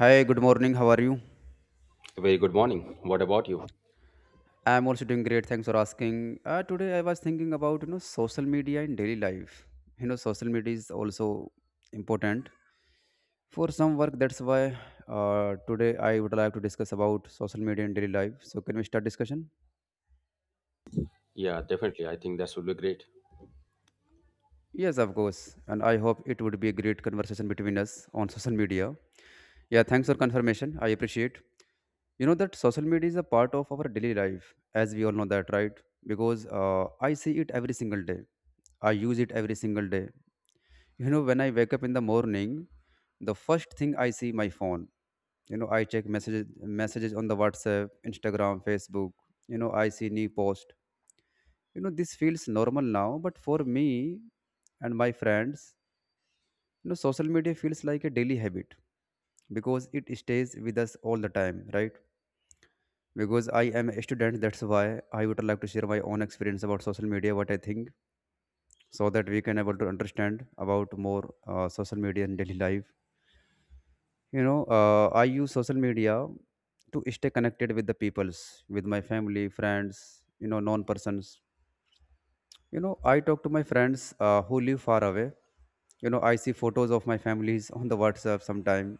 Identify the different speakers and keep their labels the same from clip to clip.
Speaker 1: Hi, good morning. How are you?
Speaker 2: Very good morning. What about you?
Speaker 1: I'm also doing great. Thanks for asking. Today I was thinking about social media in daily life. Social media is also important for some work. That's why today I would like to discuss about social media in daily life. So can we start discussion?
Speaker 2: Yeah, definitely. I think that would be great.
Speaker 1: Yes, of course. And I hope it would be a great conversation between us on social media. Yeah, thanks for confirmation. I appreciate. You know that social media is a part of our daily life, as we all know that, right? Because I see it every single day. I use it every single day. When I wake up in the morning, the first thing I see my phone. I check messages on the WhatsApp, Instagram, Facebook. I see new post. This feels normal now, but for me and my friends, social media feels like a daily habit because it stays with us all the time, right? Because I am a student. That's why I would like to share my own experience about social media, what I think, so that we can able to understand about more social media in daily life. I use social media to stay connected with the peoples, with my family, friends, non persons. I talk to my friends who live far away. I see photos of my families on the WhatsApp sometime,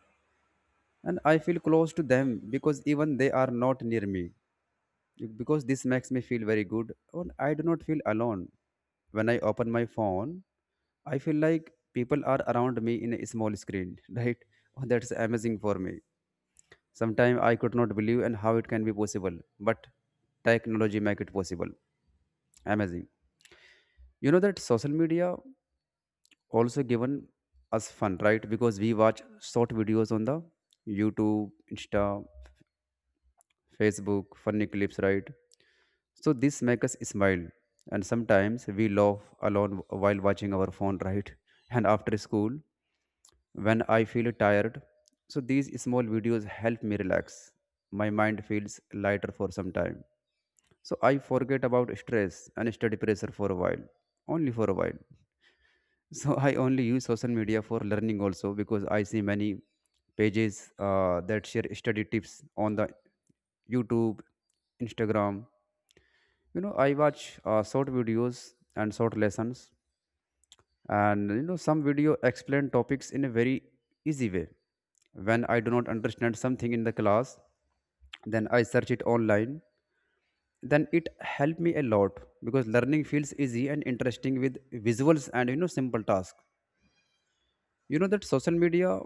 Speaker 1: and I feel close to them because even they are not near me, because this makes me feel very good and I do not feel alone. When I open my phone, I feel like people are around me in a small screen right. Oh, that's amazing for me. Sometimes I could not believe and how it can be possible, but technology make it possible. Amazing. You know that social media also given us fun, right? Because we watch short videos on the YouTube, Insta, Facebook, funny clips, right? So this makes us smile, and sometimes we laugh alone while watching our phone, right? And after school, when I feel tired, so these small videos help me relax. My mind feels lighter for some time. So I forget about stress and study pressure for a while, only for a while. So I only use social media for learning also because I see many pages that share study tips on the YouTube, Instagram. I watch short videos and short lessons, and some video explain topics in a very easy way. When I do not understand something in the class, then I search it online, then it helped me a lot because learning feels easy and interesting with visuals and simple task. You know that social media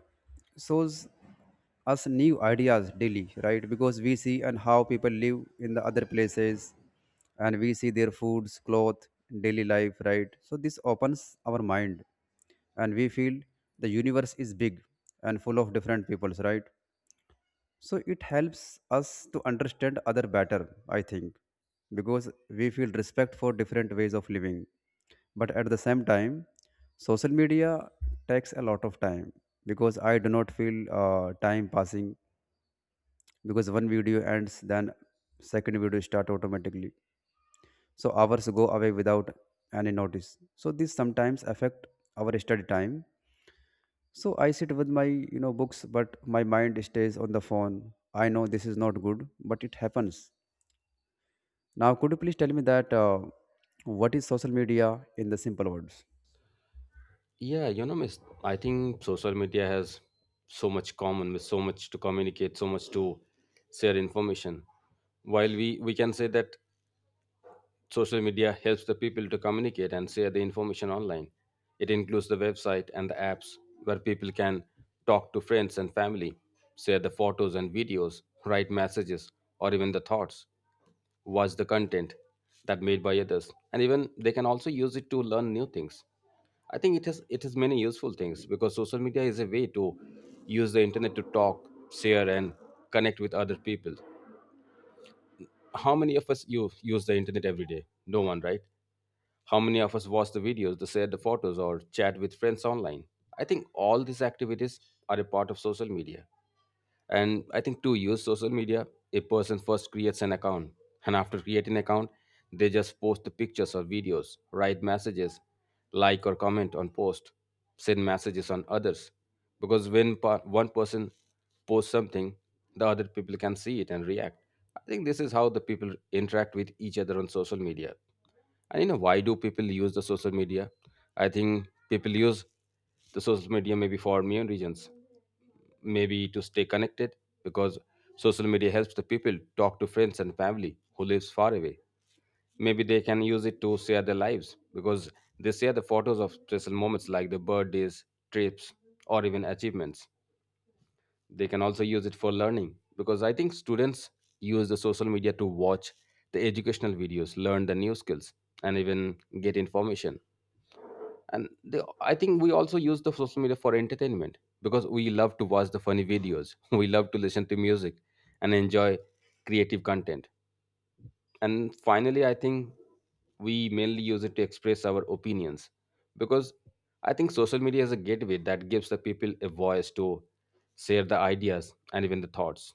Speaker 1: shows us new ideas daily, right? Because we see and how people live in the other places, and we see their foods cloth daily life, right? So this opens our mind, and we feel the universe is big and full of different peoples, right? So it helps us to understand other better, I think, because we feel respect for different ways of living. But at the same time, social media takes a lot of time because I do not feel time passing, because one video ends, then second video start automatically. So hours go away without any notice. So this sometimes affect our study time, so I sit with my books, but my mind stays on the phone. I know this is not good, but it happens. Now, could you please tell me that what is social media in the simple words?
Speaker 2: Yeah, you know, miss, I think social media has so much common with so much to communicate, so much to share information. While we can say that social media helps the people to communicate and share the information online, it includes the website and the apps where people can talk to friends and family, share the photos and videos, write messages, or even the thoughts. Watch the content that made by others, and even they can also use it to learn new things. I think it has many useful things because social media is a way to use the internet to talk, share, and connect with other people. How many of us you use the internet every day? No one, right? How many of us watch the videos, the share the photos, or chat with friends online? I think all these activities are a part of social media. And I think to use social media, a person first creates an account, and after creating an account, they just post the pictures or videos, write messages, like or comment on post, send messages on others. Because one person posts something, the other people can see it and react. I think this is how the people interact with each other on social media. And you know why do people use the social media? I think people use the social media maybe for many reasons. Maybe to stay connected, because social media helps the people talk to friends and family who lives far away. Maybe they can use it to share their lives, because they share the photos of special moments like the birthdays, trips, or even achievements. They can also use it for learning, because I think students use the social media to watch the educational videos, learn the new skills, and even get information. And they, I think we also use the social media for entertainment because we love to watch the funny videos we love to listen to music and enjoy creative content. And finally I think we mainly use it to express our opinions, because I think social media is a gateway that gives the people a voice to share the ideas and even the thoughts.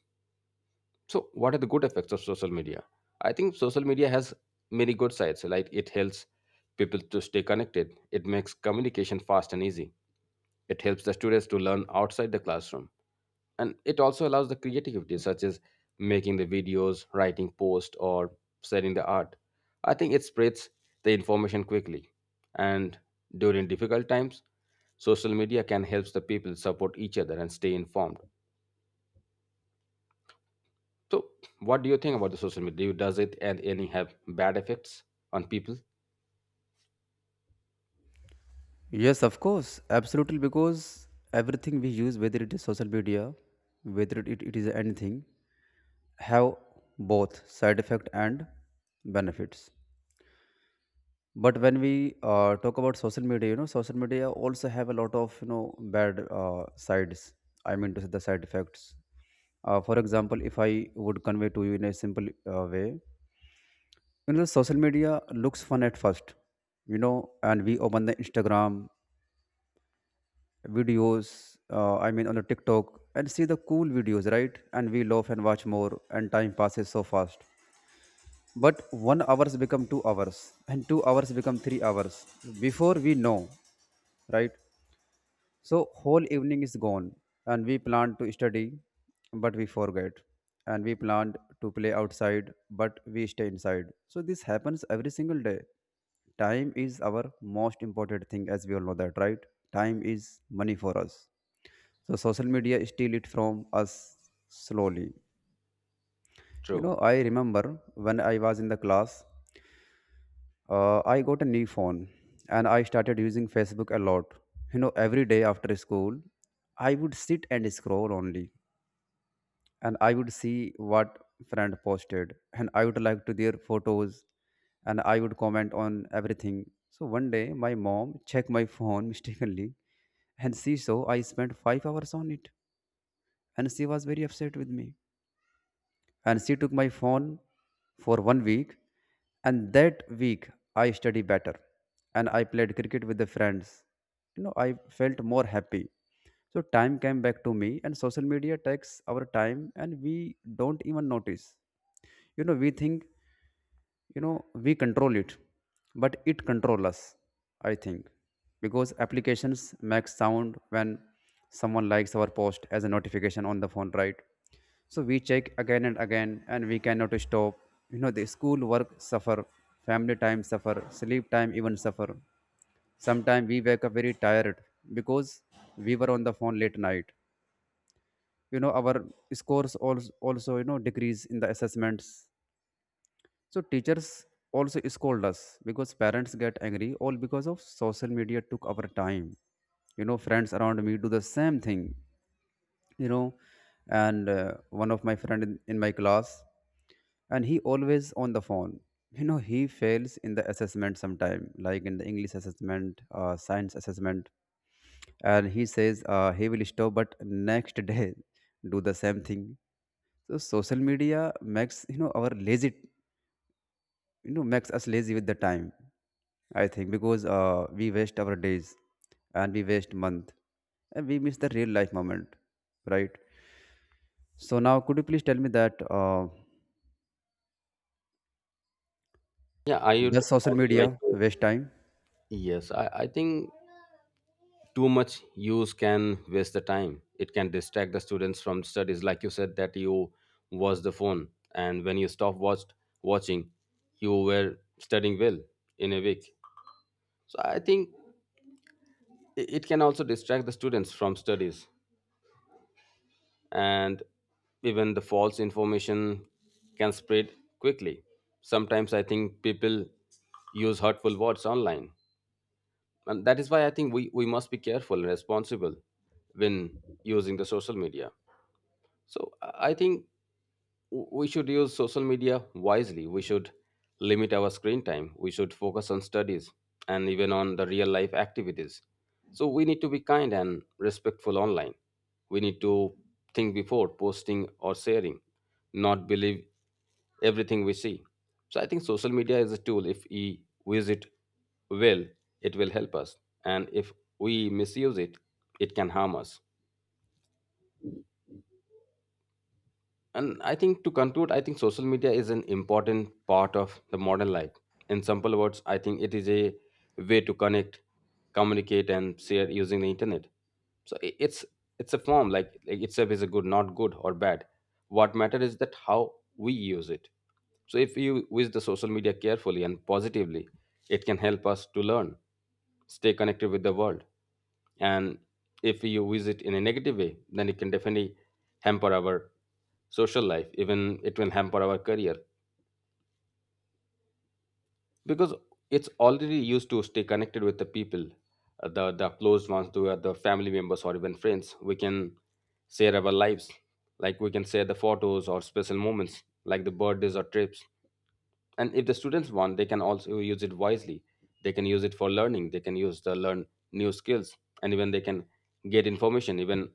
Speaker 2: So what are the good effects of social media? I think social media has many good sides, like it helps people to stay connected, it makes communication fast and easy, it helps the students to learn outside the classroom, and it also allows the creativity, such as making the videos, writing posts, or selling the art. I think it spreads the information quickly, and during difficult times, social media can help the people support each other and stay informed. So, what do you think about the social media? Do Does it and any have bad effects on people?
Speaker 1: Yes, of course, absolutely. Because everything we use, whether it is social media, whether it is anything, have both side effect and benefits. But when we talk about social media, social media also have a lot of bad sides. I mean to say the side effects. For example, if I would convey to you in a simple way, social media looks fun at first, and we open the Instagram videos. I mean on the TikTok and see the cool videos, right? And we laugh and watch more, and time passes so fast. But one hours become 2 hours, and 2 hours become 3 hours. Before we know, right? So whole evening is gone, and we planned to study, but we forget, and we planned to play outside, but we stay inside. So this happens every single day. Time is our most important thing, as we all know that, right? Time is money for us. So social media steal it from us slowly.
Speaker 2: True.
Speaker 1: I remember when I was in the class, I got a new phone and I started using Facebook a lot. Every day after school, I would sit and scroll only, and I would see what friend posted, and I would like to their photos, and I would comment on everything. So one day my mom checked my phone mistakenly, and she saw I spent 5 hours on it, and she was very upset with me, and she took my phone for one week. And that week I study better, and I played cricket with the friends. I felt more happy. So time came back to me, and social media takes our time and we don't even notice. We think you know we control it, but it control us, I think, because applications make sound when someone likes our post as a notification on the phone, right? So we check again and again, and we cannot stop. The school work suffer, family time suffer, sleep time even suffer. Sometimes we wake up very tired because we were on the phone late night. Our scores also decrease in the assessments, so teachers also scold us because parents get angry, all because of social media took our time. Friends around me do the same thing. You know, and one of my friend in my class, and he always on the phone. He fails in the assessment sometime, like in the English assessment, science assessment, and he says he will stop, but next day do the same thing. So social media makes our lazy, makes us lazy with the time, I think, because we waste our days, and we waste month, and we miss the real life moment, right? So now could you please tell me that
Speaker 2: Yeah, I would
Speaker 1: does social
Speaker 2: also
Speaker 1: media
Speaker 2: like to.
Speaker 1: waste time?
Speaker 2: Yes, I think too much use can waste the time, it can distract the students from studies, like you said that you watch the phone, and when you stop watched watching, you were studying well in a week. So I think it can also distract the students from studies. And even the false information can spread quickly. Sometimes I think people use hurtful words online, and that is why I think we must be careful and responsible when using the social media. So I think we should use social media wisely. We should limit our screen time. We should focus on studies and even on the real life activities. So we need to be kind and respectful online. We need to think before posting or sharing, not believe everything we see. So I think social media is a tool. If we use it well, it will help us. And if we misuse it, it can harm us. And I think to conclude, I think social media is an important part of the modern life. In simple words, I think it is a way to connect, communicate, and share using the internet. So it's a form like itself is a good, not good or bad. What matters is that how we use it. So, if you use the social media carefully and positively, it can help us to learn, stay connected with the world. And if you use it in a negative way, then it can definitely hamper our social life, even it will hamper our career, because it's already used to stay connected with the people, the close ones, the family members, or even friends. We can share our lives, like we can share the photos or special moments, like the birthdays or trips. And if the students want, they can also use it wisely. They can use it for learning, they can use the learn new skills, and even they can get information even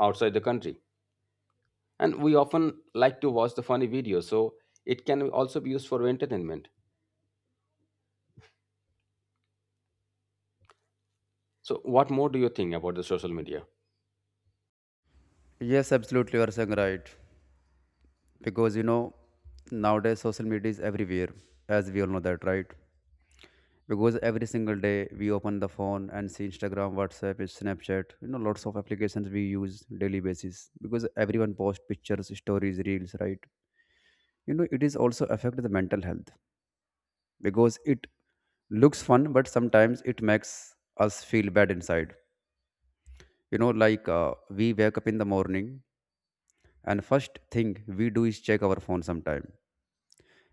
Speaker 2: outside the country. And we often like to watch the funny videos, so it can also be used for entertainment. So what more do you think about the social media?
Speaker 1: Yes, absolutely, you are saying right. Because nowadays social media is everywhere, as we all know that, right? Because every single day we open the phone and see Instagram, WhatsApp, Snapchat, lots of applications we use daily basis, because everyone posts pictures stories reels, right? It is also affect the mental health because it looks fun, but sometimes it makes us feel bad inside, like we wake up in the morning, and first thing we do is check our phone sometime,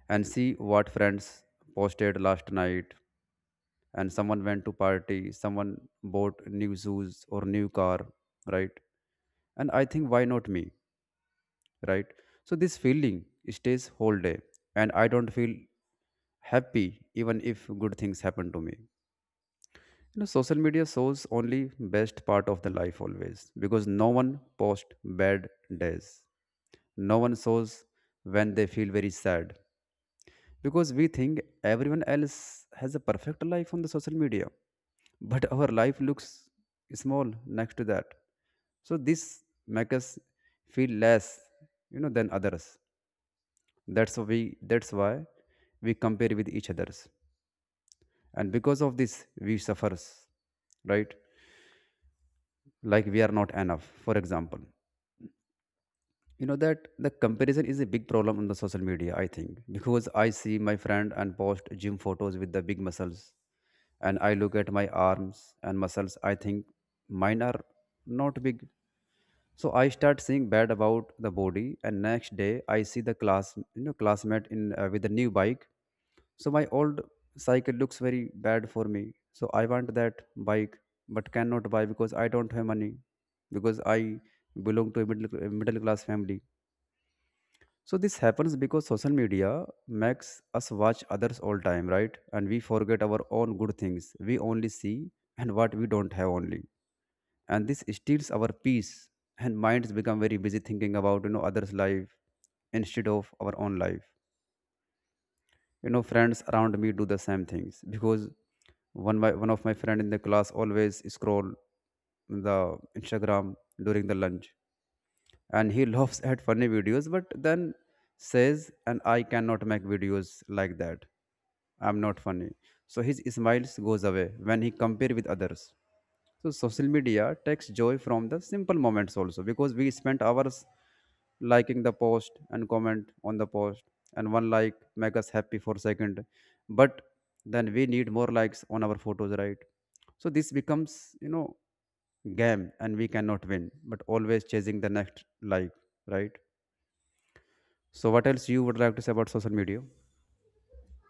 Speaker 1: and see what friends posted last night, and someone went to party, someone bought new shoes or new car, right? And I think, why not me, right? So this feeling stays whole day, and I don't feel happy even if good things happen to me. Social media shows only best part of the life always because no one posts bad days. No one shows when they feel very sad because we think everyone else has a perfect life on the social media, but our life looks small next to that. So this makes us feel less than others. That's why we compare with each others, and because of this, we suffers, right? Like we are not enough, for example. You know that the comparison is a big problem on the social media, I think, because I see my friend and post gym photos with the big muscles, and I look at my arms and muscles, I think mine are not big. So I start seeing bad about the body, and next day I see the class classmate in with a new bike. So my old cycle looks very bad for me. So I want that bike, but cannot buy because I don't have money, because I belong to a middle class family. So this happens because social media makes us watch others all time, right? And we forget our own good things. We only see and what we don't have only, and this steals our peace. And minds become very busy thinking about others' life instead of our own life. You know, friends around me do the same things because one by one of my friend in the class always scroll the Instagram during the lunch, and he laughs at funny videos but then says and I cannot make videos like that. I'm not funny, so his smiles goes away when he compare with others. So social media takes joy from the simple moments also because we spent hours liking the post and comment on the post, and one like make us happy for second. But then we need more likes on our photos, right? So this becomes game, and we cannot win but always chasing the next like, right? So what else you would like to say about social media?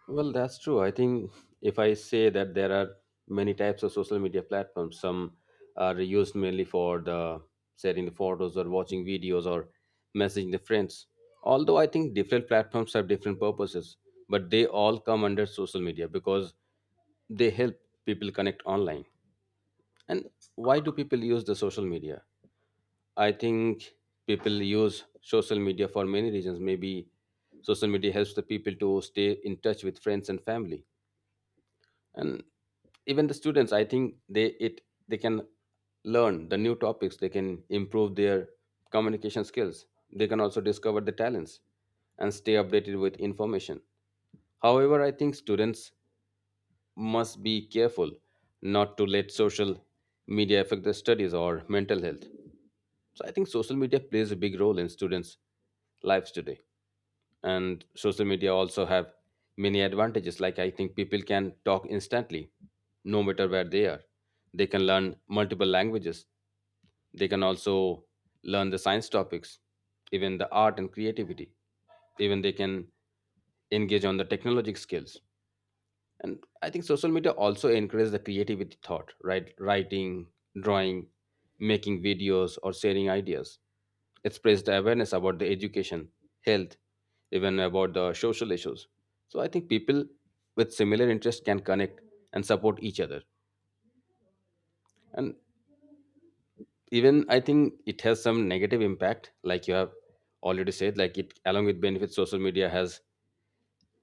Speaker 2: Well, that's true. I think if I say that there are many types of social media platforms, some are used mainly for the sharing the photos or watching videos or messaging the friends. Although I think different platforms have different purposes, but they all come under social media because they help people connect online. And why do people use the social media? I think people use social media for many reasons. Maybe social media helps the people to stay in touch with friends and family. And even the students, I think they it they can learn the new topics, they can improve their communication skills, they can also discover the talents and stay updated with information. However, I think students must be careful not to let social media affect their studies or mental health. So I think social media plays a big role in students lives today. And social media also have many advantages, like I think people can talk instantly no matter where they are, they can learn multiple languages, they can also learn the science topics, even the art and creativity, even they can engage on the technologic skills. And I think social media also encourages the creativity thought, right, writing, drawing, making videos, or sharing ideas. It spreads the awareness about the education, health, even about the social issues. So I think people with similar interests can connect and support each other. And even I think it has some negative impact, like you have already said, like it, along with benefits, social media has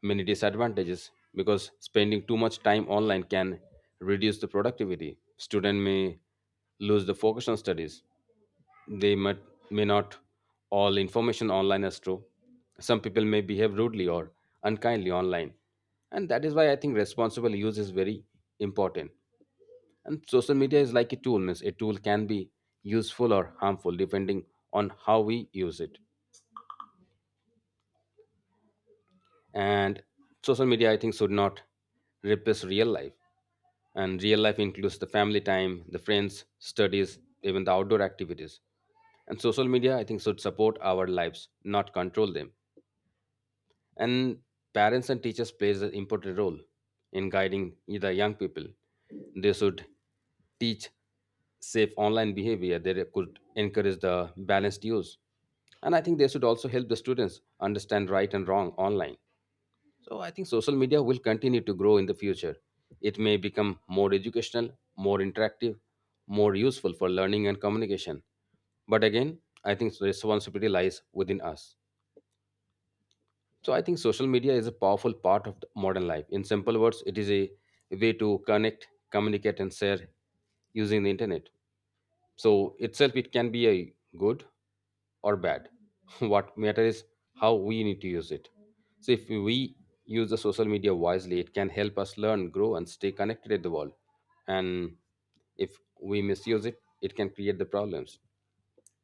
Speaker 2: many disadvantages because spending too much time online can reduce the productivity. Student may lose the focus on studies. They may not all information online as true. Some people may behave rudely or unkindly online. And that is why I think responsible use is very important. And social media is like a tool, means a tool can be useful or harmful depending on how we use it. And social media, I think, should not replace real life. And real life includes the family time, the friends, studies, even the outdoor activities. And social media, I think, should support our lives, not control them. And parents and teachers plays an important role in guiding the young people. They should teach safe online behavior. They could encourage the balanced use. And I think they should also help the students understand right and wrong online. So I think social media will continue to grow in the future. It may become more educational, more interactive, more useful for learning and communication. But again, I think responsibility lies within us. So I think social media is a powerful part of the modern life. In simple words, it is a way to connect, communicate, and share using the internet. So itself, it can be a good or bad. What matters is how we need to use it. So if we use the social media wisely, it can help us learn, grow, and stay connected with the world. And if we misuse it, it can create the problems.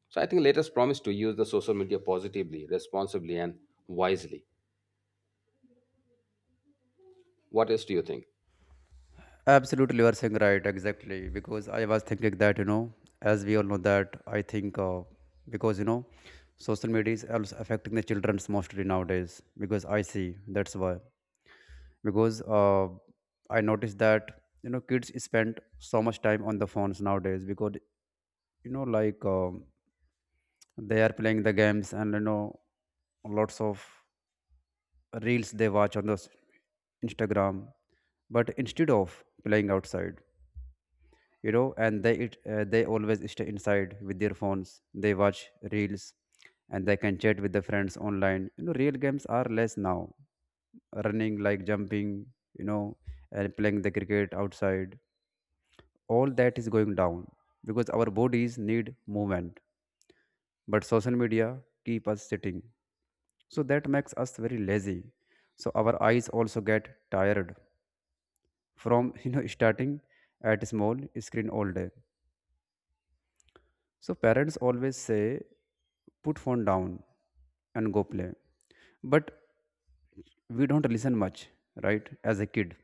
Speaker 2: So I think let us promise to use the social media positively, responsibly, and wisely. What else do you think?
Speaker 1: Absolutely, you are saying right, exactly. Because I was thinking that, as we all know that, I think because, you know, social media is also affecting the children's mostly nowadays because I see that's why. Because I noticed that, you know, kids spend so much time on the phones nowadays because, you know, they are playing the games and, you know, lots of reels they watch on the Instagram. But instead of playing outside, you know, they always stay inside with their phones. They watch reels and they can chat with the friends online. You know, real games are less now, running like jumping, you know, and playing the cricket outside. All that is going down because our bodies need movement, but social media keep us sitting, so that makes us very lazy. So our eyes also get tired from you know starting at small screen all day. So parents always say, put phone down and go play. But we don't listen much, right? As a kid.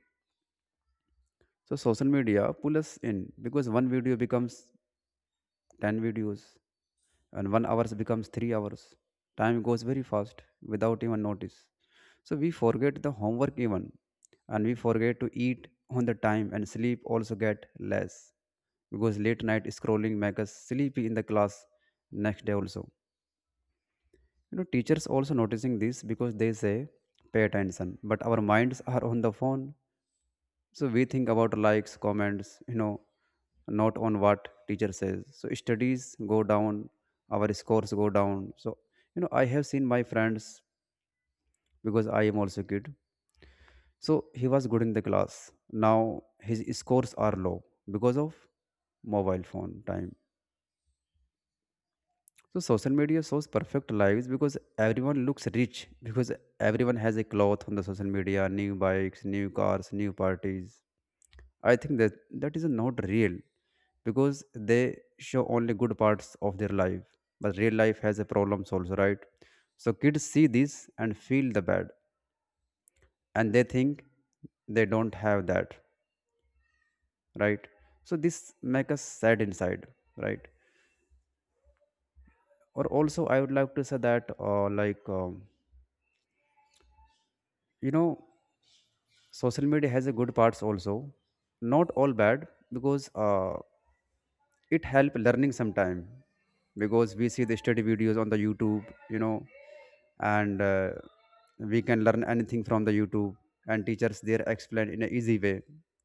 Speaker 1: So social media pull us in because one video becomes 10 videos and one hours becomes three hours. Time goes very fast without even notice. So we forget the homework even, and we forget to eat on the time, and sleep also get less because late night scrolling make us sleepy in the class next day also. You know, teachers also noticing this because they say pay attention, but our minds are on the phone. So we think about likes, comments, not on what teacher says. So studies go down, our scores go down. So you know, I have seen my friends, because I am also kid. So he was good in the class, now his scores are low because of mobile phone time. So social media shows perfect lives because everyone looks rich, because everyone has a cloth on the social media, new bikes, new cars, new parties. I think that that is not real because they show only good parts of their life, but real life has a problems also, right? So kids see this and feel the bad, and they think they don't have that, right? So this make us sad inside, right? Or also I would like to say that, you know social media has a good parts also, not all bad. Because it help learning sometime because we see the study videos on the YouTube, you know, and we can learn anything from the YouTube, and teachers there explain in an easy way.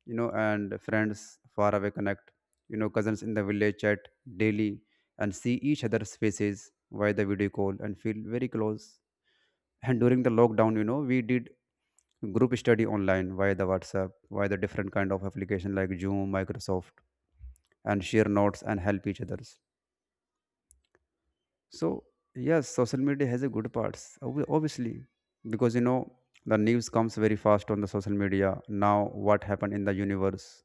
Speaker 1: You know, and friends far away connect. You know, cousins in the village chat daily and see each other's faces via the video call and feel very close. And during the lockdown, you know, we did group study online via the WhatsApp, via the different kind of application like Zoom, Microsoft, and share notes and help each others. So yes, social media has a good parts, obviously, because you know the news comes very fast on the social media. Now, what happened in the universe,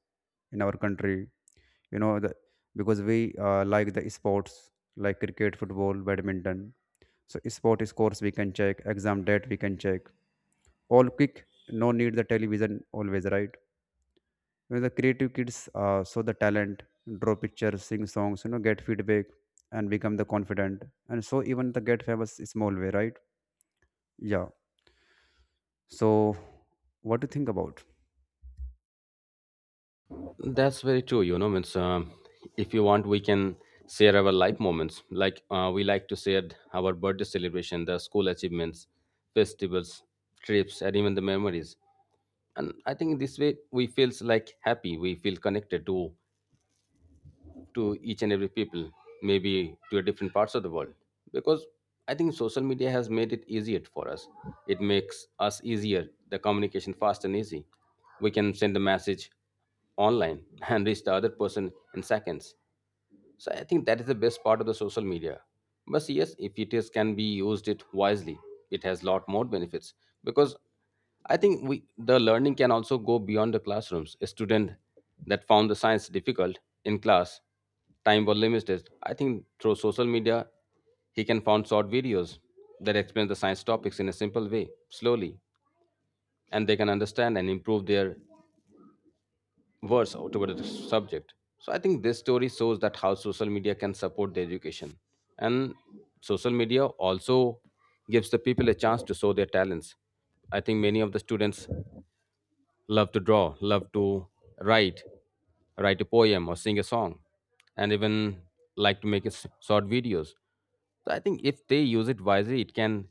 Speaker 1: in our country, you know, because we like the sports like cricket, football, badminton. So sport scores we can check, exam date we can check. All quick, no need the television always, right? You know, the creative kids show the talent, draw pictures, sing songs, you know, get feedback and become the confident, and so even the get famous is small way, right? Yeah. So what do you think about?
Speaker 2: That's very true. You know, means if you want, we can share our life moments. Like we like to share our birthday celebration, the school achievements, festivals, trips, and even the memories. And I think this way we feels like happy. We feel connected to each and every people, maybe to a different parts of the world. Because I think social media has made it easier for us. It makes us easier, the communication fast and easy. We can send a message online and reach the other person in seconds. So I think that is the best part of the social media. But yes, if it is can be used it wisely, it has lot more benefits because I think we the learning can also go beyond the classrooms. A student that found the science difficult in class, time was limited. I think through social media, he can find short videos that explain the science topics in a simple way, slowly, and they can understand and improve their words toward the subject. So I think this story shows that how social media can support the education. And social media also gives the people a chance to show their talents. I think many of the students love to draw, love to write, write a poem or sing a song, and even like to make short videos. So I think if they use it wisely, it can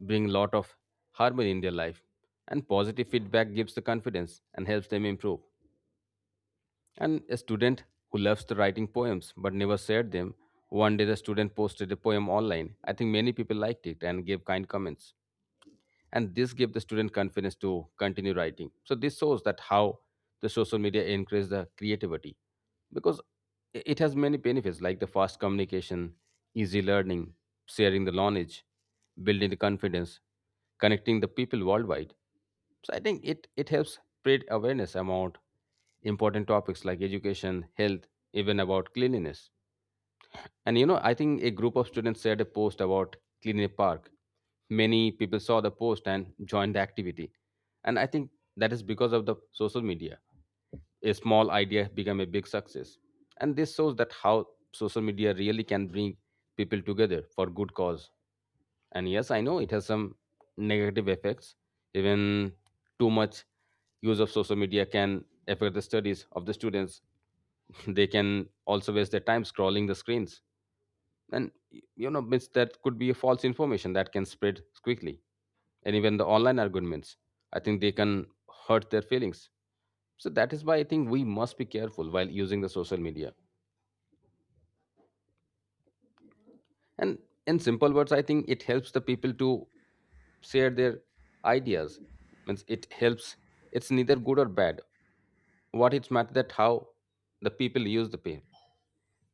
Speaker 2: bring a lot of harmony in their life. And positive feedback gives the confidence and helps them improve. And a student who loves to writing poems but never shared them. One day the student posted a poem online. I think many people liked it and gave kind comments, and this gave the student confidence to continue writing. So this shows that how the social media encourages the creativity, because it has many benefits like the fast communication, easy learning, sharing the knowledge, building the confidence, connecting the people worldwide. So I think it helps spread awareness about important topics like education, health, even about cleanliness. And you know, I think a group of students shared a post about cleaning a park. Many people saw the post and joined the activity. And I think that is because of the social media. A small idea became a big success. And this shows that how social media really can bring people together for good cause. And yes, I know it has some negative effects. Even too much use of social media can affect the studies of the students. They can also waste their time scrolling the screens, and you know, that could be a false information that can spread quickly. And even the online arguments, I think they can hurt their feelings. So that is why I think we must be careful while using the social media. And in simple words, I think it helps the people to share their ideas, means it helps. It's neither good or bad. What it's matter that how the people use the pain.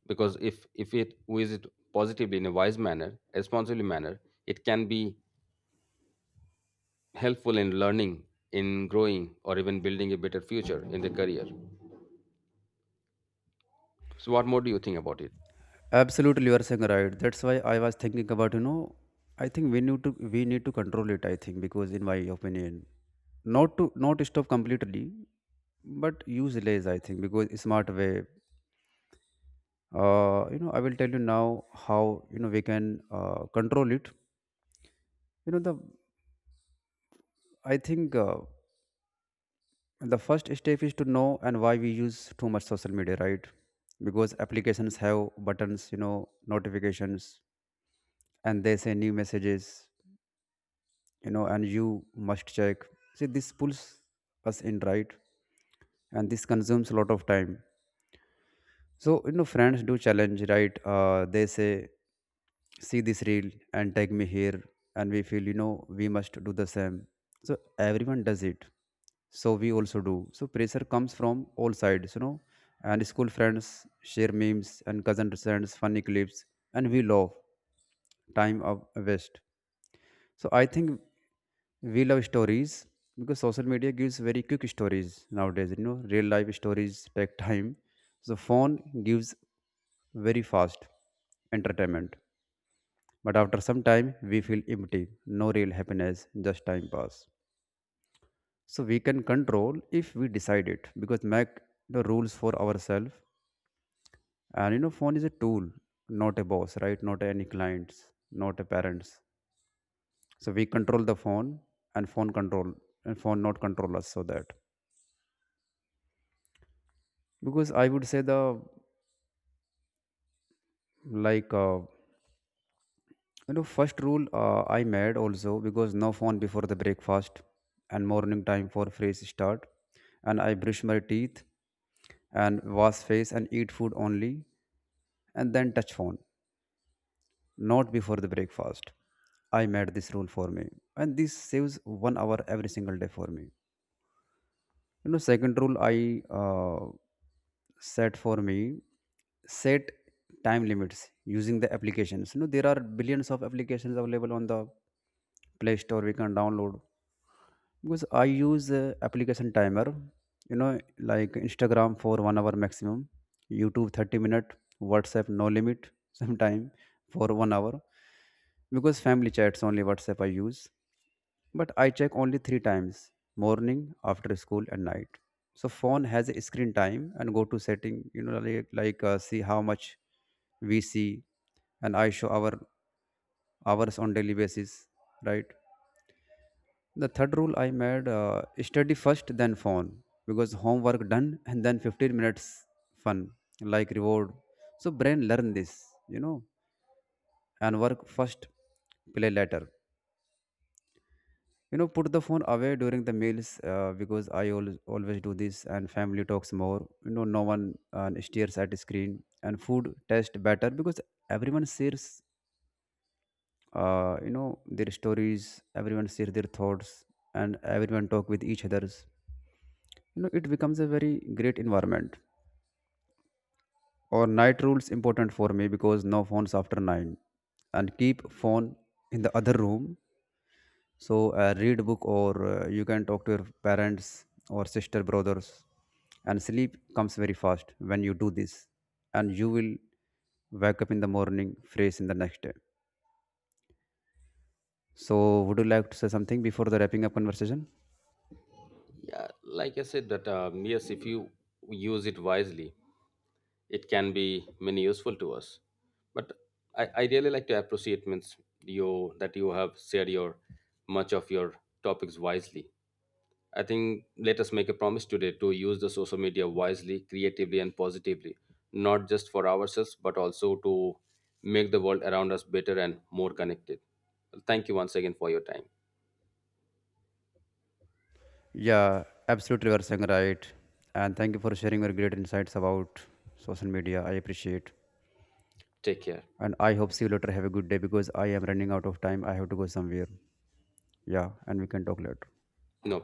Speaker 2: Because if it we use it positively, in a wise manner, responsibly manner, it can be helpful in learning, in growing, or even building a better future in their career. So, what more do you think about it?
Speaker 1: Absolutely, you are saying right. That's why I was thinking about, you know, I think we need to control it, I think, because in my opinion, not stop completely but use less, I think, because smart way. You know, I will tell you now how you know we can control it. You know the I think uh, the first step is to know and why we use too much social media, right? Because applications have buttons, you know, notifications, and they say new messages, you know, and you must check. See, this pulls us in, right? And this consumes a lot of time. So, you know, friends do challenge, right? They say, see this reel and tag me here, and we feel you know we must do the same, so everyone does it, so we also do. So pressure comes from all sides, you know, and school friends share memes and cousin sends funny clips, and we love time of waste. So I think we love stories because social media gives very quick stories nowadays. You know, real life stories take time, so phone gives very fast entertainment, but after some time, we feel empty, no real happiness, just time pass. So we can control if we decide it, because make the rules for ourselves. And you know, phone is a tool, not a boss, right? Not any clients, not a parents. So we control the phone, and phone control and phone not control us so that. Because I would say the like uh, you know, first rule I made also because no phone before the breakfast, and morning time for fresh start. And I brush my teeth and wash face and eat food only, and then touch phone, not before the breakfast. I made this rule for me. And this saves one hour every single day for me. You know, second rule I uh, set for me, set time limits using the applications. You know, there are billions of applications available on the play store we can download. Because I use application timer, you know, like Instagram for 1 hour maximum, YouTube 30 minute, WhatsApp no limit sometime for 1 hour, because family chats only WhatsApp I use, but I check only 3 times: morning, after school, and night. So phone has a screen time and go to setting, you know, like, see how much we see, and I show our hours on daily basis, right? The third rule I made study first, then phone, because homework done and then 15 minutes fun, like reward. So brain learn this, you know, and work first, play later. You know, put the phone away during the meals because I always do this, and family talks more. You know, no one stares at screen, and food tastes better because everyone shares, you know, their stories. Everyone shares their thoughts, and everyone talk with each others. You know, it becomes a very great environment. Or night rules important for me because no phones after 9, and keep phone in the other room. So read book or you can talk to your parents or sister brothers, and sleep comes very fast when you do this, and you will wake up in the morning fresh in the next day. So would you like to say something before the wrapping up conversation?
Speaker 2: Yeah, like I said, that yes, if you use it wisely, it can be many useful to us. But I really like to appreciate means you that you have shared your much of your topics wisely. I think let us make a promise today to use the social media wisely, creatively, and positively, not just for ourselves, but also to make the world around us better and more connected. Thank you once again for your time.
Speaker 1: Yeah, absolutely, you are saying right, and thank you for sharing your great insights about social media. I appreciate.
Speaker 2: Take care.
Speaker 1: And I hope see you later. Have a good day because I am running out of time. I have to go somewhere. Yeah, and we can talk later.
Speaker 2: No problem.